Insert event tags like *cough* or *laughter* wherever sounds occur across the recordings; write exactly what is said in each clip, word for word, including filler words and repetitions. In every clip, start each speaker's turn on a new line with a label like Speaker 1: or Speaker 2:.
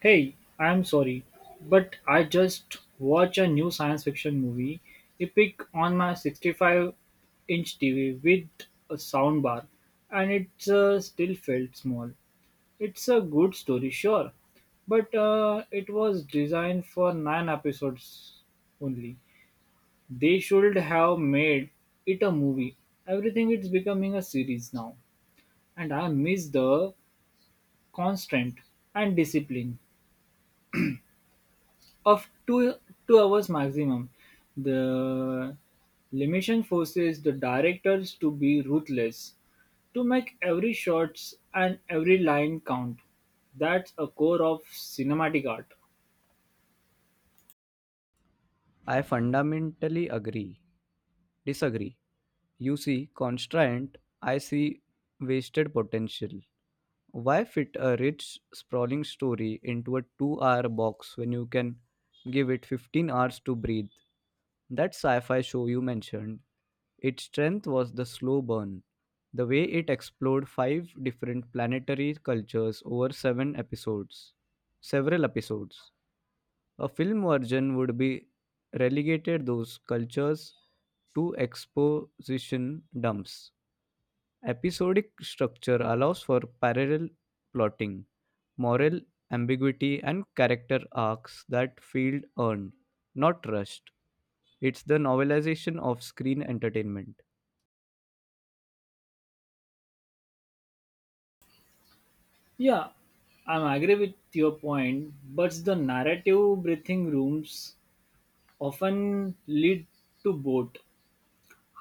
Speaker 1: Hey, I'm sorry, but I just watched a new science fiction movie, Epic, on my sixty-five-inch T V with a soundbar, and it uh, still felt small. It's a good story, sure, but uh, it was designed for nine episodes only. They should have made it a movie. Everything is becoming a series now, and I miss the constraint and discipline of two two hours maximum. The limitation forces the directors to be ruthless, to make every shots and every line count. That's a core of cinematic art.
Speaker 2: I fundamentally agree. Disagree. You see constraint, I see wasted potential. Why fit a rich, sprawling story into a two hour box when you can give it fifteen hours to breathe? That sci fi show you mentioned, its strength was the slow burn, the way it explored five different planetary cultures over seven episodes. Several episodes. A film version would be relegated those cultures to exposition dumps. Episodic structure allows for parallel plotting, moral ambiguity, and character arcs that feel earned, not rushed. It's the novelization of screen entertainment.
Speaker 1: Yeah, I agree with your point, but the narrative breathing rooms often lead to both.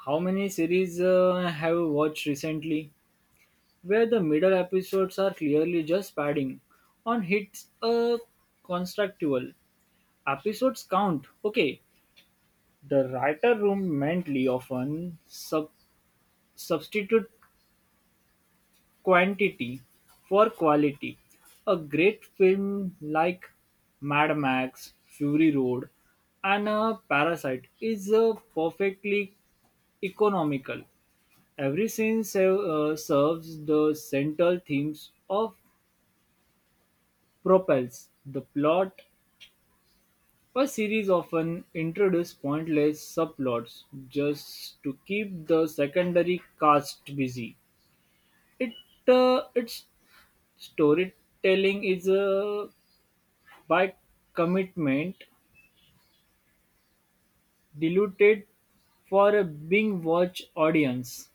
Speaker 1: How many series uh, have you watched recently? Where the middle episodes are clearly just padding on hits a constructual. Episodes count, okay. The writer room mentally often sub- substitute quantity for quality. A great film like Mad Max, Fury Road, and a Parasite is a perfectly economical. Every scene se- uh, serves the central themes of propels the plot, a series often introduce pointless subplots just to keep the secondary cast busy. It uh, its storytelling is uh, by commitment diluted for a being watch audience.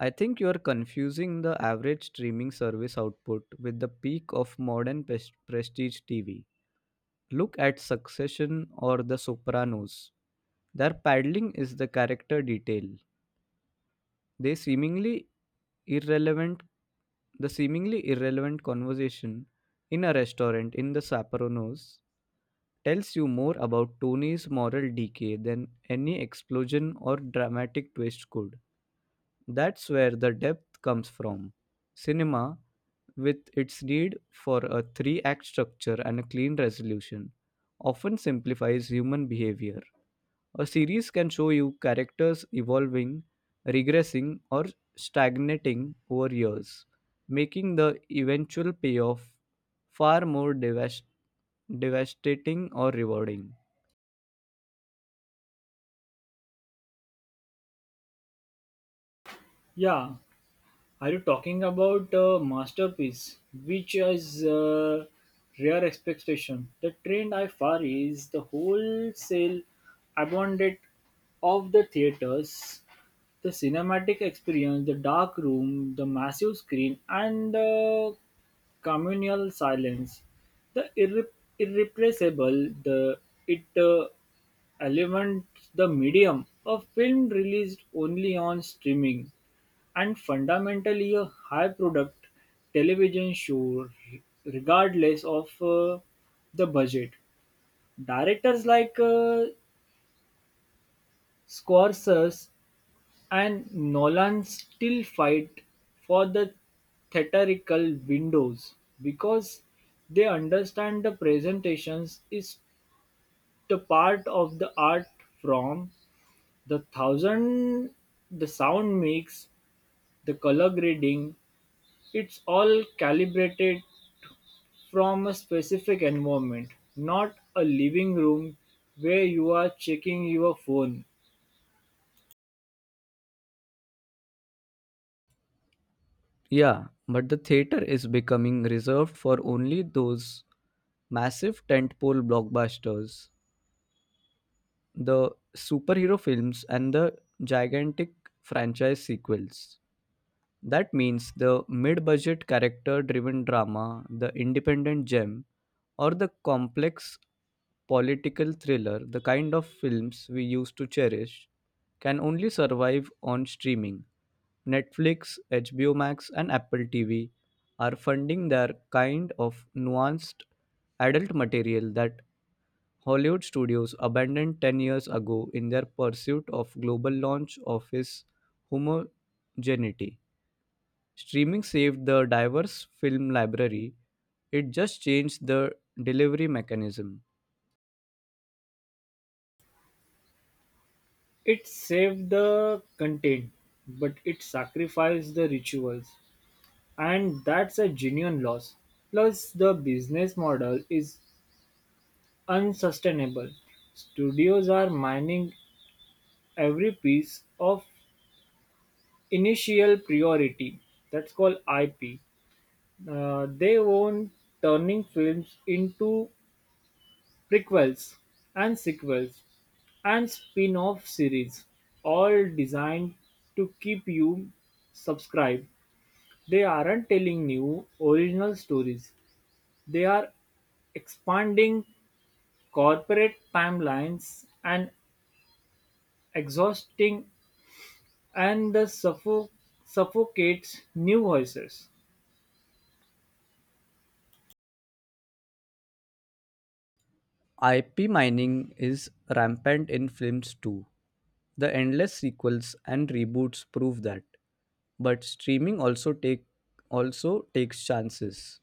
Speaker 2: I think you're confusing the average streaming service output with the peak of modern pres- prestige T V. Look at Succession or The Sopranos. Their paddling is the character detail. They seemingly irrelevant the seemingly irrelevant conversation in a restaurant in the Sapporonos tells you more about Tony's moral decay than any explosion or dramatic twist could. That's where the depth comes from. Cinema, with its need for a three act structure and a clean resolution, often simplifies human behavior. A series can show you characters evolving, regressing, or stagnating over years, making the eventual payoff far more devas- devastating or rewarding.
Speaker 1: Yeah. Are you talking about a masterpiece, which is a rare expectation? The trend I far is the wholesale abandonment of the theaters, the cinematic experience, the dark room, the massive screen, and the communal silence. The irre- irrepressible, the it uh, element, the medium, a film released only on streaming and fundamentally a high-product television show r- regardless of uh, the budget. Directors like uh, Scorsese and Nolan still fight for the theatrical windows because they understand the presentations is the part of the art from the thousand the sound mix the color grading it's all calibrated from a specific environment, not a living room where you are checking your phone.
Speaker 2: Yeah, but the theater is becoming reserved for only those massive tentpole blockbusters, the superhero films, and the gigantic franchise sequels. That means the mid budget character driven drama, the independent gem, or the complex political thriller, the kind of films we used to cherish, can only survive on streaming. Netflix, H B O Max, and Apple T V are funding their kind of nuanced adult material that Hollywood studios abandoned ten years ago in their pursuit of global launch office homogeneity. Streaming saved the diverse film library, it just changed the delivery mechanism.
Speaker 1: It saved the content, but it sacrificed the rituals, and that's a genuine loss. Plus, the business model is unsustainable. Studios are mining every piece of initial priority, that's called I P. Uh, they own turning films into Prequels and sequels and spin-off series, all designed to keep you subscribed. They aren't telling new, original stories. They are expanding corporate timelines and exhausting and the suffo- suffocates new voices.
Speaker 2: I P mining is rampant in films too. The endless sequels and reboots prove that. But streaming also take also takes chances.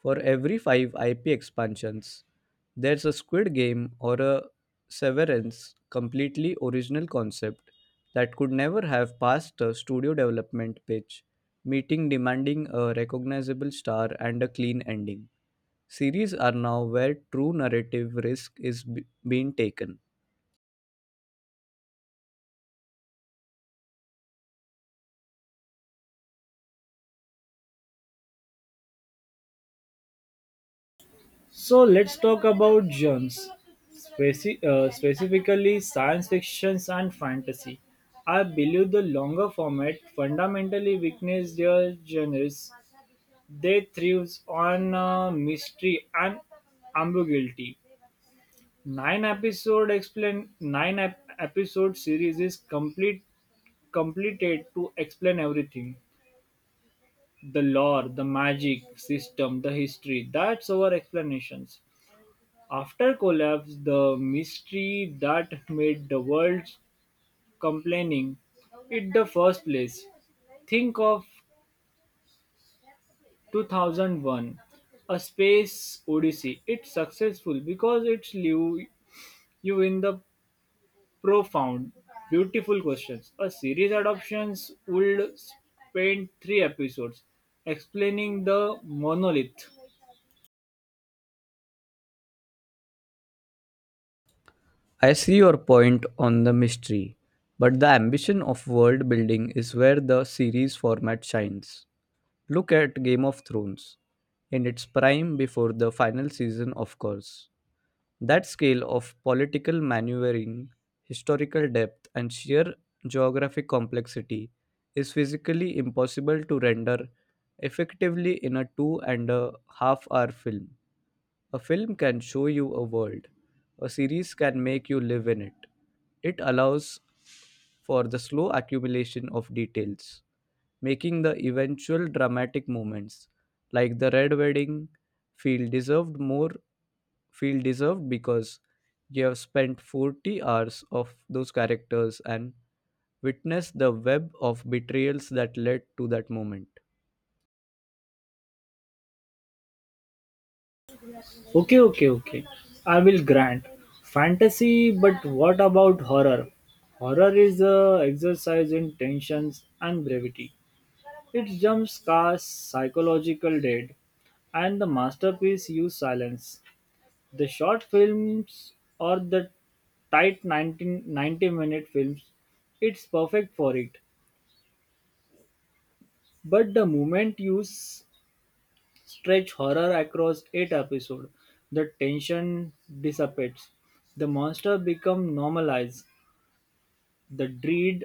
Speaker 2: For every five I P expansions, there's a Squid Game or a Severance completely original concept that could never have passed a studio development pitch, meeting demanding a recognizable star and a clean ending. Series are now where true narrative risk is b- being taken.
Speaker 1: So let's talk about genres, speci- uh, specifically science fiction and fantasy. I believe the longer format fundamentally weakens their genres. They thrives on uh, mystery and ambiguity. Nine episode explain nine ep- episode series is complete completed to explain everything the lore the magic system the history that's our explanations after collapse, the mystery that made the world complaining in the first place. Think of two thousand one, A Space Odyssey. It's successful because it's leave you in the profound, beautiful questions. A series adoptions would spend three episodes explaining the monolith.
Speaker 2: I see your point on the mystery, but the ambition of world building is where the series format shines. Look at Game of Thrones, in its prime before the final season, of course. That scale of political maneuvering, historical depth, and sheer geographic complexity is physically impossible to render effectively in a two and a half hour film. A film can show you a world, a series can make you live in it. It allows for the slow accumulation of details making the eventual dramatic moments like the red wedding feel deserved more feel deserved because you have spent forty hours of those characters and witnessed the web of betrayals that led to that moment.
Speaker 1: Okay, okay, okay. I will grant fantasy, but what about horror? Horror is a exercise in tensions and brevity. It jumps cars psychological dead, and the masterpiece use silence. The short films or the tight nineteen ninety minute films, it's perfect for it. But the moment use stretch horror across eight episodes. The tension dissipates, the monster become normalized, the dread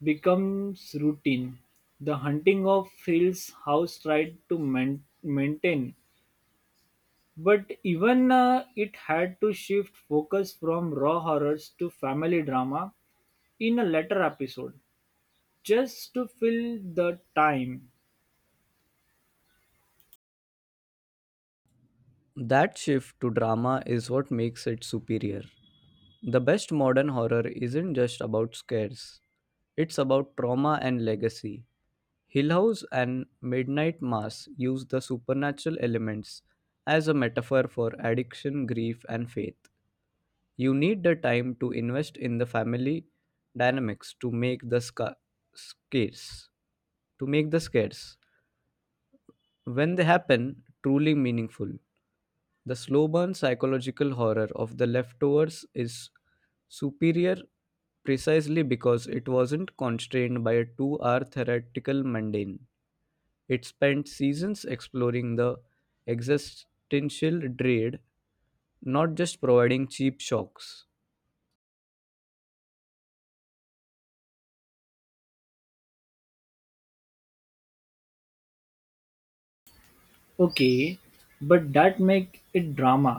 Speaker 1: becomes routine. The hunting of Hill's house tried to man- maintain, but even uh, it had to shift focus from raw horrors to family drama in a later episode just to fill the time.
Speaker 2: That shift to drama is what makes it superior. The best modern horror isn't just about scares, it's about trauma and legacy. Hillhouse and Midnight Mass use the supernatural elements as a metaphor for addiction, grief, and faith. You need the time to invest in the family dynamics to make the sca- scarce. To make the scares, when they happen, truly meaningful. The slow burn psychological horror of the leftovers is superior precisely because it wasn't constrained by a two hour theoretical mundane. It spent seasons exploring the existential dread, not just providing cheap shocks.
Speaker 1: Okay, but that make it drama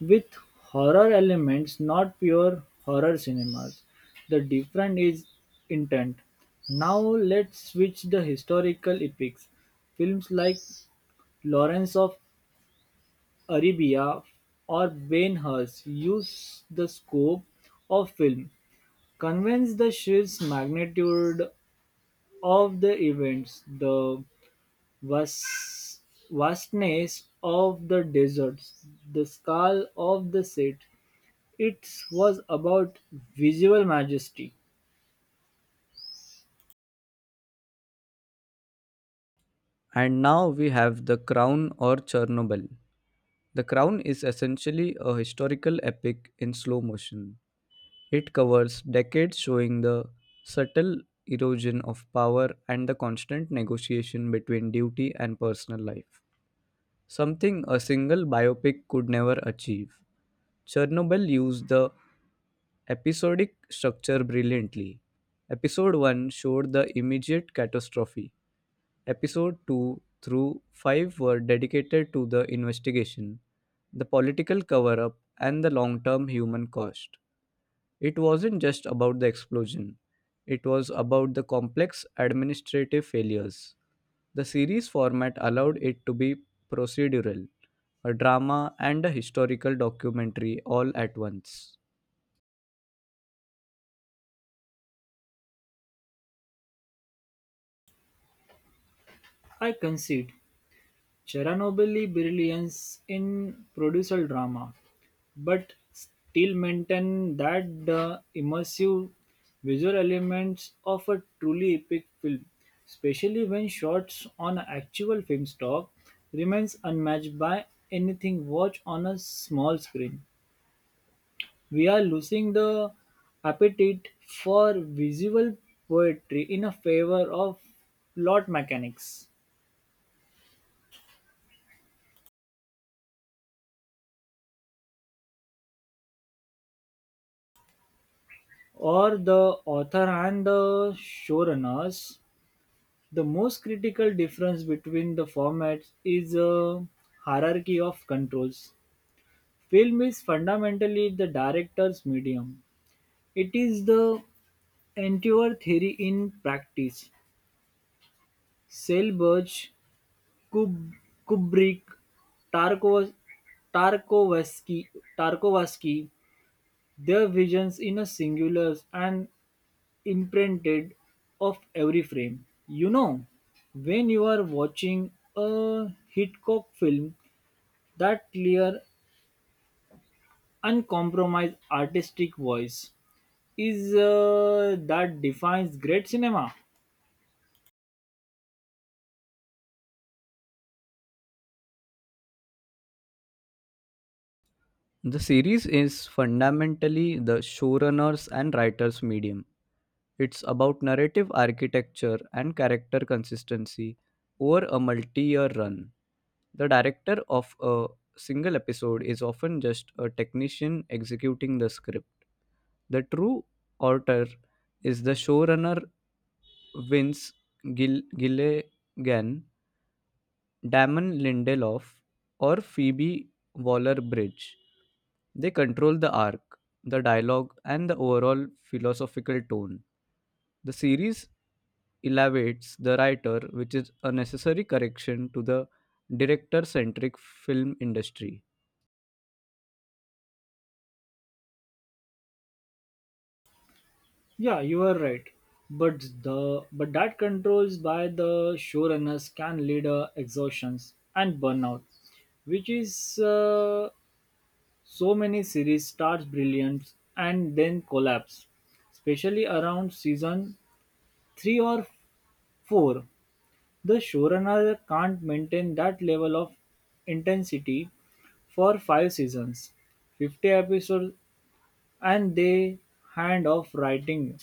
Speaker 1: with horror elements, not pure horror cinemas. The difference is intent. Now let's switch the historical epics. Films like Lawrence of Arabia or Ben Hurst use the scope of film, convince the sheer magnitude of the events, the vast, vastness of the deserts, the scale of the set, it was about visual majesty.
Speaker 2: And now we have The Crown or Chernobyl. The Crown is essentially a historical epic in slow motion. It covers decades showing the subtle erosion of power and the constant negotiation between duty and personal life, something a single biopic could never achieve. Chernobyl used the episodic structure brilliantly. Episode one showed the immediate catastrophe. Episode two through five were dedicated to the investigation, the political cover up, and the long term human cost. It wasn't just about the explosion, it was about the complex administrative failures. The series format allowed it to be procedural, a drama, and a historical documentary all at once.
Speaker 1: I concede, Chernobyl brilliance in producer drama, but still maintain that the immersive visual elements of a truly epic film, especially when shots on actual film stock, remains unmatched by anything watched on a small screen. We are losing the appetite for visual poetry in a favor of plot mechanics. Or the author and the showrunners. The most critical difference between the formats is a hierarchy of controls. Film is fundamentally the director's medium. It is the entire theory in practice. Selbach Kub- Kubrick, Tarkov- Tarkovsky, Tarkovsky, their visions in a singular and imprinted of every frame. You know, when you are watching a Hitchcock film, that clear, uncompromised artistic voice is uh, that defines great cinema.
Speaker 2: The series is fundamentally the showrunner's and writer's medium. It's about narrative architecture and character consistency over a multi year run. The director of a single episode is often just a technician executing the script. The true author is the showrunner Vince Gil- Gilligan, Damon Lindelof, or Phoebe Waller Bridge. They control the arc, the dialogue, and the overall philosophical tone. The series elevates the writer, which is a necessary correction to the director centric film industry.
Speaker 1: Yeah, you are right. But the but that controls by the showrunners can lead to exhaustions and burnout, which is uh, so many series starts brilliant and then collapse, especially around season three or four. The showrunner can't maintain that level of intensity for five seasons, fifty episodes, and they hand off writing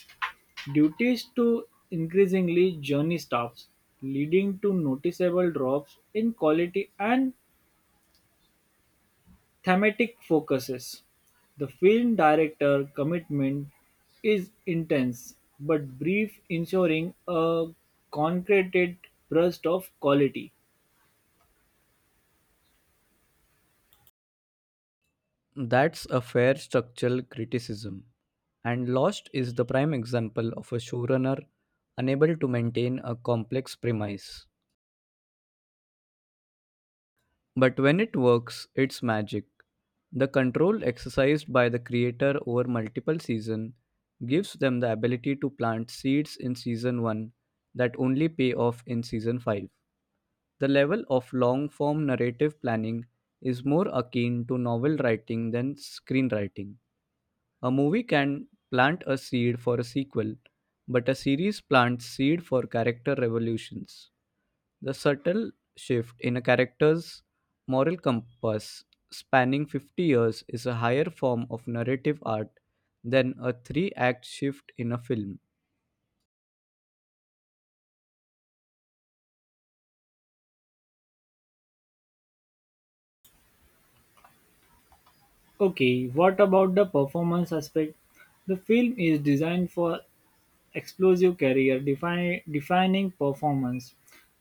Speaker 1: duties to increasingly journey staffs, leading to noticeable drops in quality and thematic focuses. The film director commitment is intense but brief, ensuring a concreted burst of quality.
Speaker 2: That's a fair structural criticism. And Lost is the prime example of a showrunner unable to maintain a complex premise. But when it works, it's magic. The control exercised by the creator over multiple seasons gives them the ability to plant seeds in season one that only pay off in season five. The level of long form narrative planning is more akin to novel writing than screenwriting. A movie can plant a seed for a sequel, but a series plants seed for character revolutions. The subtle shift in a character's moral compass spanning fifty years is a higher form of narrative art than a three act shift in a film.
Speaker 1: Okay, what about the performance aspect? The film is designed for explosive career, define, defining performance,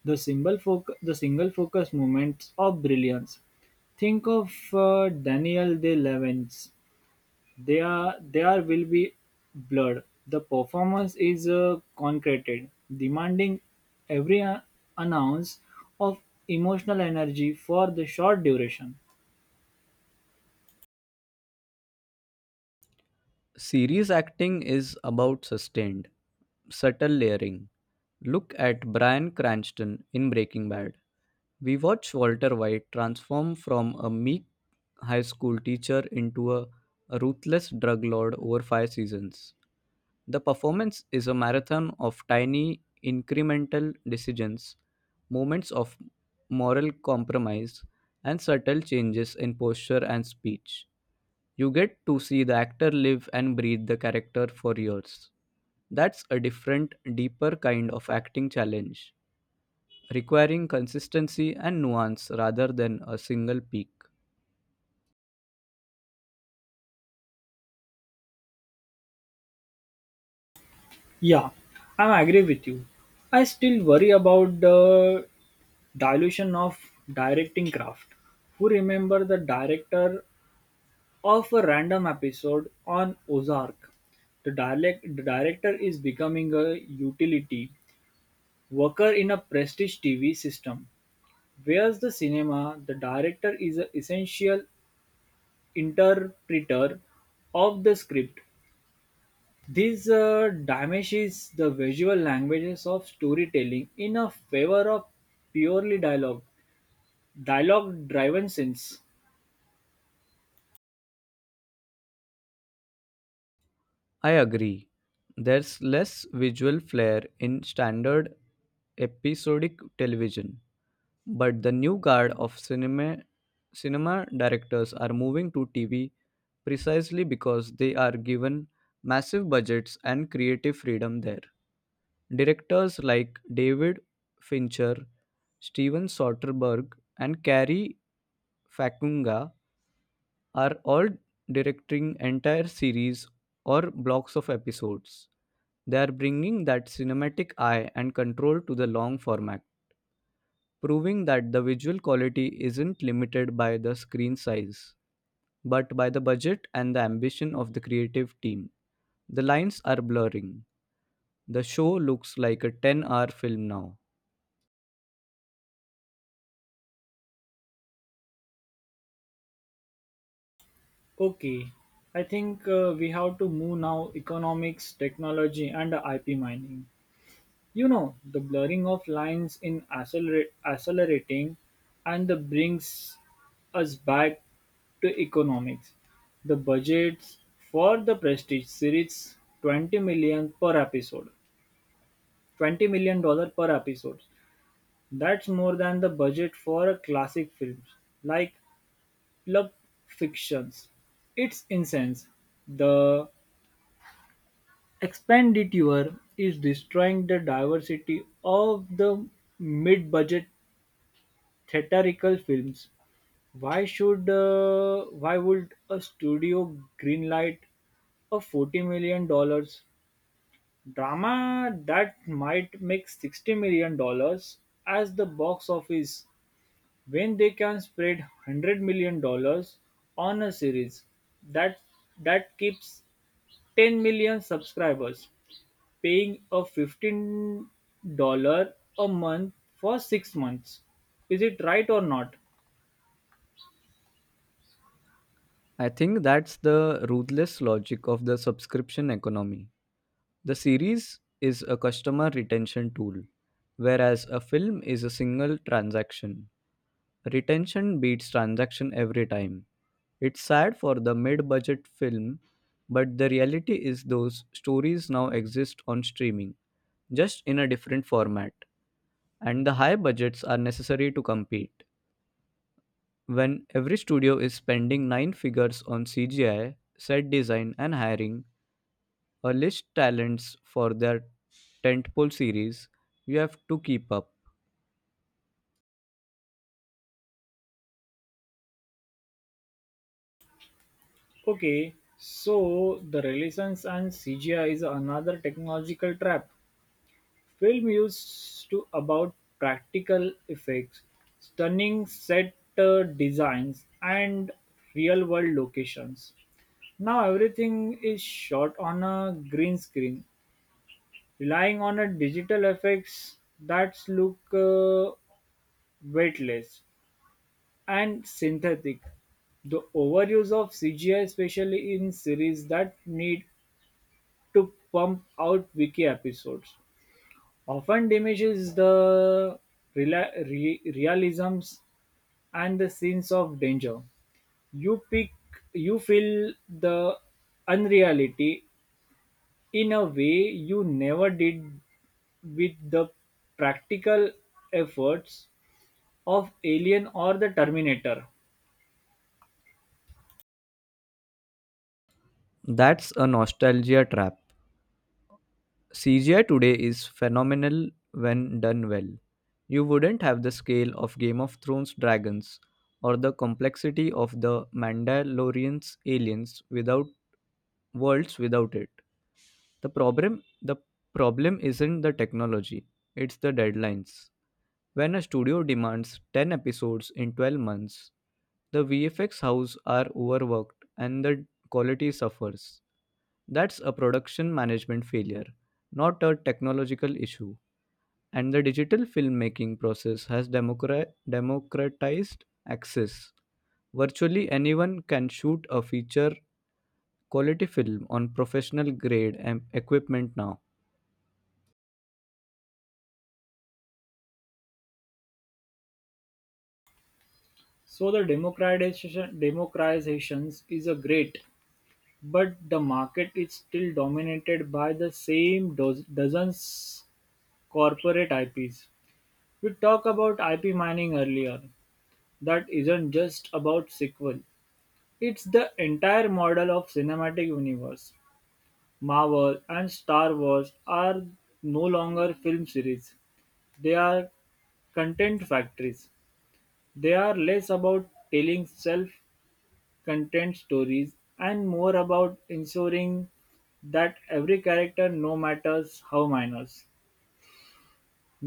Speaker 1: the single, foc- the single focus moments of brilliance. Think of uh, Daniel De Levens. There, there will be blood. The performance is uh, concreted, demanding every uh, ounce of emotional energy for the short duration.
Speaker 2: Series acting is about sustained, subtle layering. Look at Bryan Cranston in Breaking Bad. We watch Walter White transform from a meek high school teacher into a ruthless drug lord over five seasons. The performance is a marathon of tiny, incremental decisions moments of moral compromise, and subtle changes in posture and speech. You get to see the actor live and breathe the character for years. That's a different, deeper kind of acting challenge, requiring consistency and nuance rather than a single peak.
Speaker 1: Yeah, I am agree with you. I still worry about the dilution of directing craft. Who remember the director of a random episode on Ozark? The direct, the director is becoming a utility worker in a prestige T V system. Whereas the cinema, the director is an essential interpreter of the script. This uh, diminishes the visual languages of storytelling in a favor of purely dialogue, dialogue driven scenes.
Speaker 2: I agree. There's less visual flair in standard episodic television, but the new guard of cinema cinema directors are moving to T V precisely because they are given massive budgets and creative freedom there. Directors like David Fincher, Steven Soderbergh, and Cary Fakunga are all directing entire series or blocks of episodes. They are bringing that cinematic eye and control to the long format, proving that the visual quality isn't limited by the screen size, but by the budget and the ambition of the creative team. The lines are blurring. The show looks like a ten hour film now.
Speaker 1: Okay, I think uh, we have to move now economics, technology, and I P mining. You know, the blurring of lines in accelerate, accelerating and the brings us back to economics. The budgets for the Prestige series twenty million per episode. twenty million dollars per episode. That's more than the budget for a classic films like Pulp Fictions. It's incense. The expenditure is destroying the diversity of the mid-budget theatrical films. Why should uh, why would a studio greenlight a forty million dollars drama that might make sixty million dollars as the box office when they can spread one hundred million dollars on a series that that keeps ten million subscribers paying a fifteen dollars a month for six months. Is it right or not?
Speaker 2: I think that's the ruthless logic of the subscription economy. The series is a customer retention tool, whereas a film is a single transaction. Retention beats transaction every time. It's sad for the mid budget film, but the reality is those stories now exist on streaming, just in a different format, and the high budgets are necessary to compete. When every studio is spending nine figures on C G I, set design, and hiring, or list talents for their tentpole series, you have to keep up.
Speaker 1: Okay, so the relations and C G I is another technological trap. Film used to about practical effects, stunning set uh, designs, and real world locations. Now everything is shot on a green screen, relying on a digital effects that look uh, weightless and synthetic. The overuse of C G I, especially in series that need to pump out wiki episodes, often diminishes the rela- re- realisms and the scenes of danger. You pick, you feel the unreality in a way you never did with the practical efforts of Alien or the Terminator.
Speaker 2: That's a nostalgia trap. C G I today is phenomenal when done well. You wouldn't have the scale of Game of Thrones dragons or the complexity of the Mandalorian's aliens without worlds without it. The problem the problem isn't the technology, it's the deadlines. When a studio demands ten episodes in twelve months, the V F X house are overworked and the quality suffers. That's a production management failure, not a technological issue. And the digital filmmaking process has democra- democratized access. Virtually anyone can shoot a feature quality film on professional grade em- equipment now.
Speaker 1: So the democratization democratizations is a great, but the market is still dominated by the same do- dozens corporate I Ps. We talked about I P mining earlier. That isn't just about sequel. It's the entire model of cinematic universe. Marvel and Star Wars are no longer film series. They are content factories. They are less about telling self content stories, and more about ensuring that every character, no matter how minor,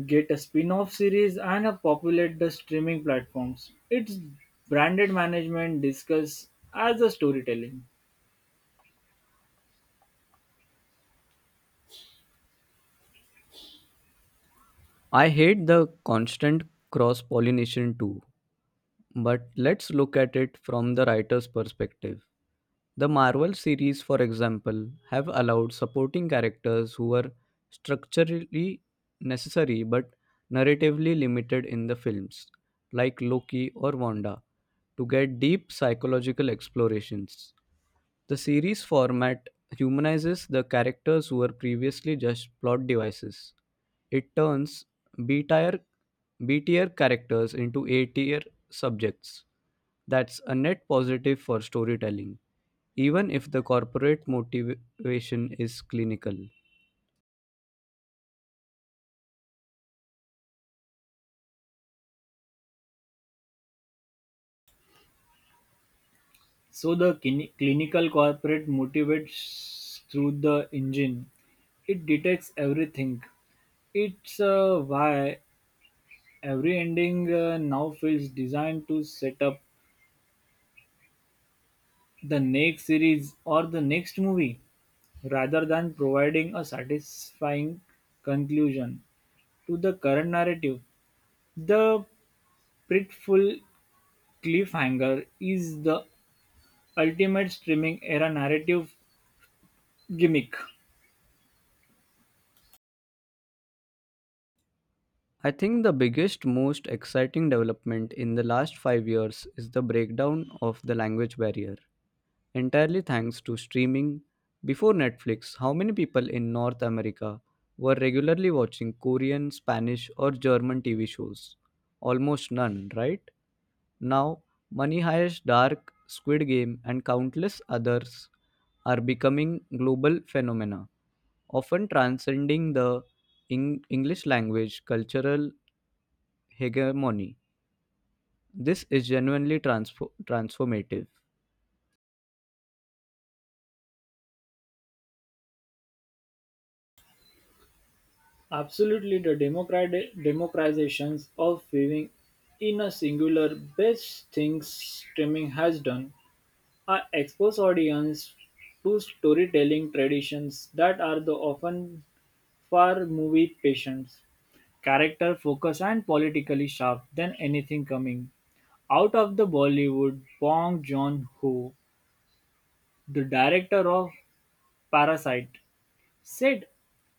Speaker 1: get a spin-off series and a populate the streaming platforms. It's branded management discuss as a storytelling.
Speaker 2: I hate the constant cross pollination too, but let's look at it from the writer's perspective. The Marvel series, for example, have allowed supporting characters who were structurally necessary but narratively limited in the films, like Loki or Wanda, to get deep psychological explorations. The series format humanizes the characters who were previously just plot devices. It turns B-tier, B-tier characters into A-tier subjects. That's a net positive for storytelling, even if the corporate motivation is clinical.
Speaker 1: So the clini- clinical corporate motivates through the engine. It detects everything. It's uh, why every ending uh, now feels designed to set up the next series or the next movie rather than providing a satisfying conclusion to the current narrative. The pretful cliffhanger is the ultimate streaming era narrative gimmick.
Speaker 2: I think the biggest, most exciting development in the last five years is the breakdown of the language barrier, entirely thanks to streaming. Before Netflix, how many people in North America were regularly watching Korean, Spanish, or German T V shows? Almost none, right? Now, Money Heist, Dark, Squid Game, and countless others are becoming global phenomena, often transcending the Eng- English language cultural hegemony. This is genuinely transfo- transformative.
Speaker 1: Absolutely, the democrat- democratizations of viewing in a singular best things streaming has done are expose audience to storytelling traditions that are the often for movie patients, character focus and politically sharp than anything coming out of the Bollywood Bong Joon-ho, the director of Parasite, said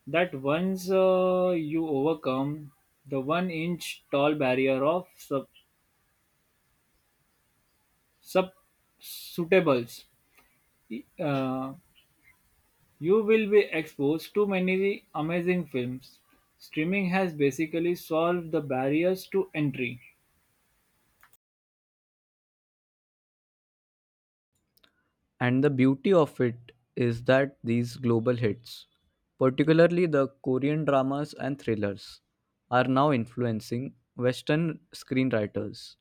Speaker 1: that once uh, you overcome the one-inch tall barrier of sub, sub suitables, uh, you will be exposed to many amazing films. Streaming has basically solved the barriers to entry.
Speaker 2: And the beauty of it is that these global hits, particularly the Korean dramas and thrillers, are now influencing Western screenwriters.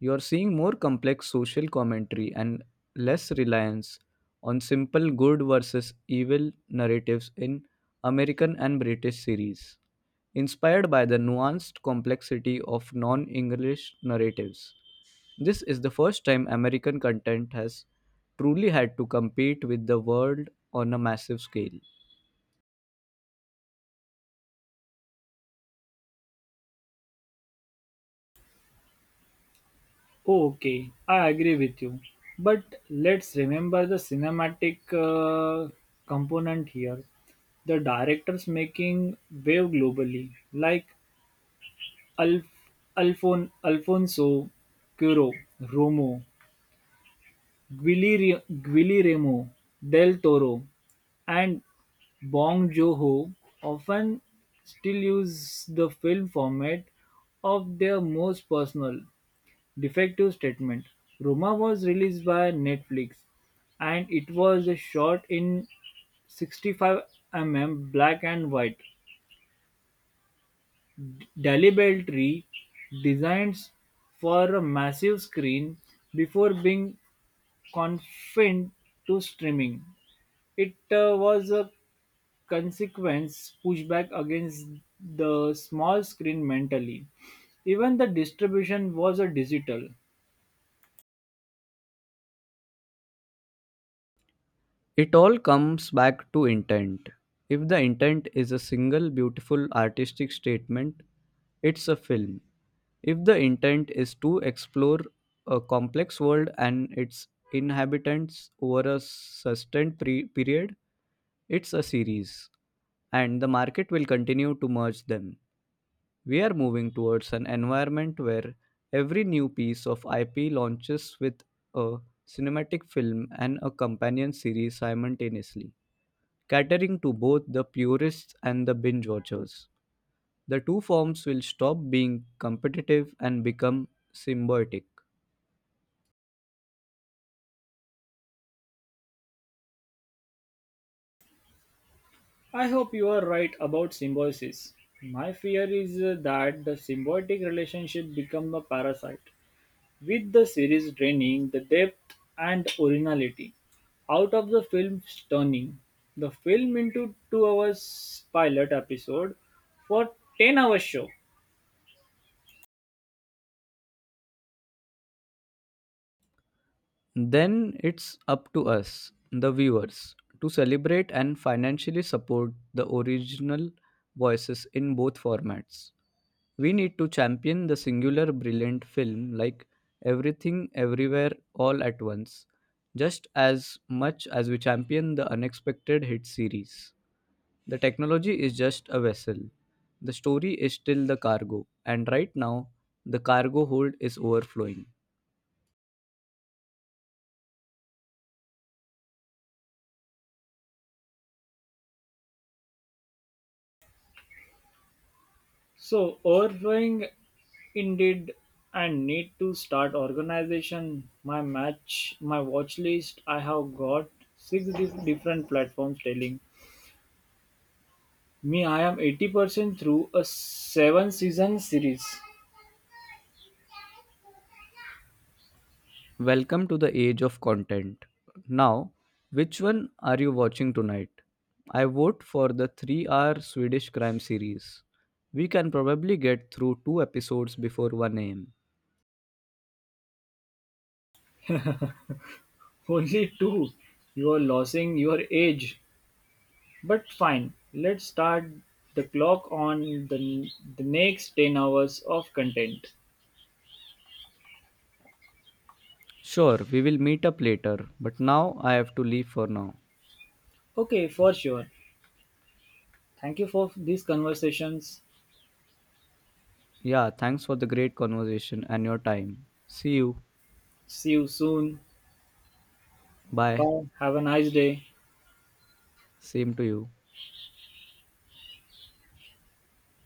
Speaker 2: You are seeing more complex social commentary and less reliance on simple good versus evil narratives in American and British series, inspired by the nuanced complexity of non English narratives. This is the first time American content has truly had to compete with the world on a massive scale.
Speaker 1: Okay, I agree with you. But let's remember the cinematic uh, component here. The directors making wave globally, like Alf, Alfon, Alfonso Cuero, Romo, Guillermo Guillermo del Toro, and Bong Joon-ho often still use the film format of their most personal defective statement. Roma was released by Netflix, and it was shot in sixty-five mm black and white. Deliberately designed for a massive screen before being confined to streaming. It uh, was a consequence pushback against the small screen mentally. Even the distribution was a digital.
Speaker 2: It all comes back to intent. If the intent is a single beautiful artistic statement, it's a film. If the intent is to explore a complex world and its inhabitants over a sustained pre- period, it's a series, and the market will continue to merge them. We are moving towards an environment where every new piece of I P launches with a cinematic film and a companion series simultaneously, catering to both the purists and the binge watchers. The two forms will stop being competitive and become symbiotic.
Speaker 1: I hope you are right about symbiosis. My fear is uh, that the symbiotic relationship become a parasite, with the series draining the depth and originality out of the film's turning the film into two hours pilot episode for ten hour show.
Speaker 2: Then it's up to us, the viewers, to celebrate and financially support the original voices in both formats. We need to champion the singular brilliant film like Everything Everywhere All at Once, just as much as we champion the unexpected hit series. The technology is just a vessel. The story is still the cargo, and right now the cargo hold is overflowing.
Speaker 1: So overflowing indeed and need to start organization my match my watch list. I have got six dif- different platforms telling me, I am eighty percent through a seven season series. *laughs*
Speaker 2: Welcome to the age of content. Now, which one are you watching tonight? I vote for the three hour Swedish crime series. We can probably get through two episodes before one a m.
Speaker 1: Only two. You are losing your age. But fine, let's start the clock on the, the next ten hours of content.
Speaker 2: Sure, we will meet up later, but now I have to leave for now.
Speaker 1: Okay, for sure. Thank you for these conversations.
Speaker 2: Yeah, thanks for the great conversation and your time. See you.
Speaker 1: See you soon.
Speaker 2: Bye.
Speaker 1: Bye. Have a nice day.
Speaker 2: Same to you.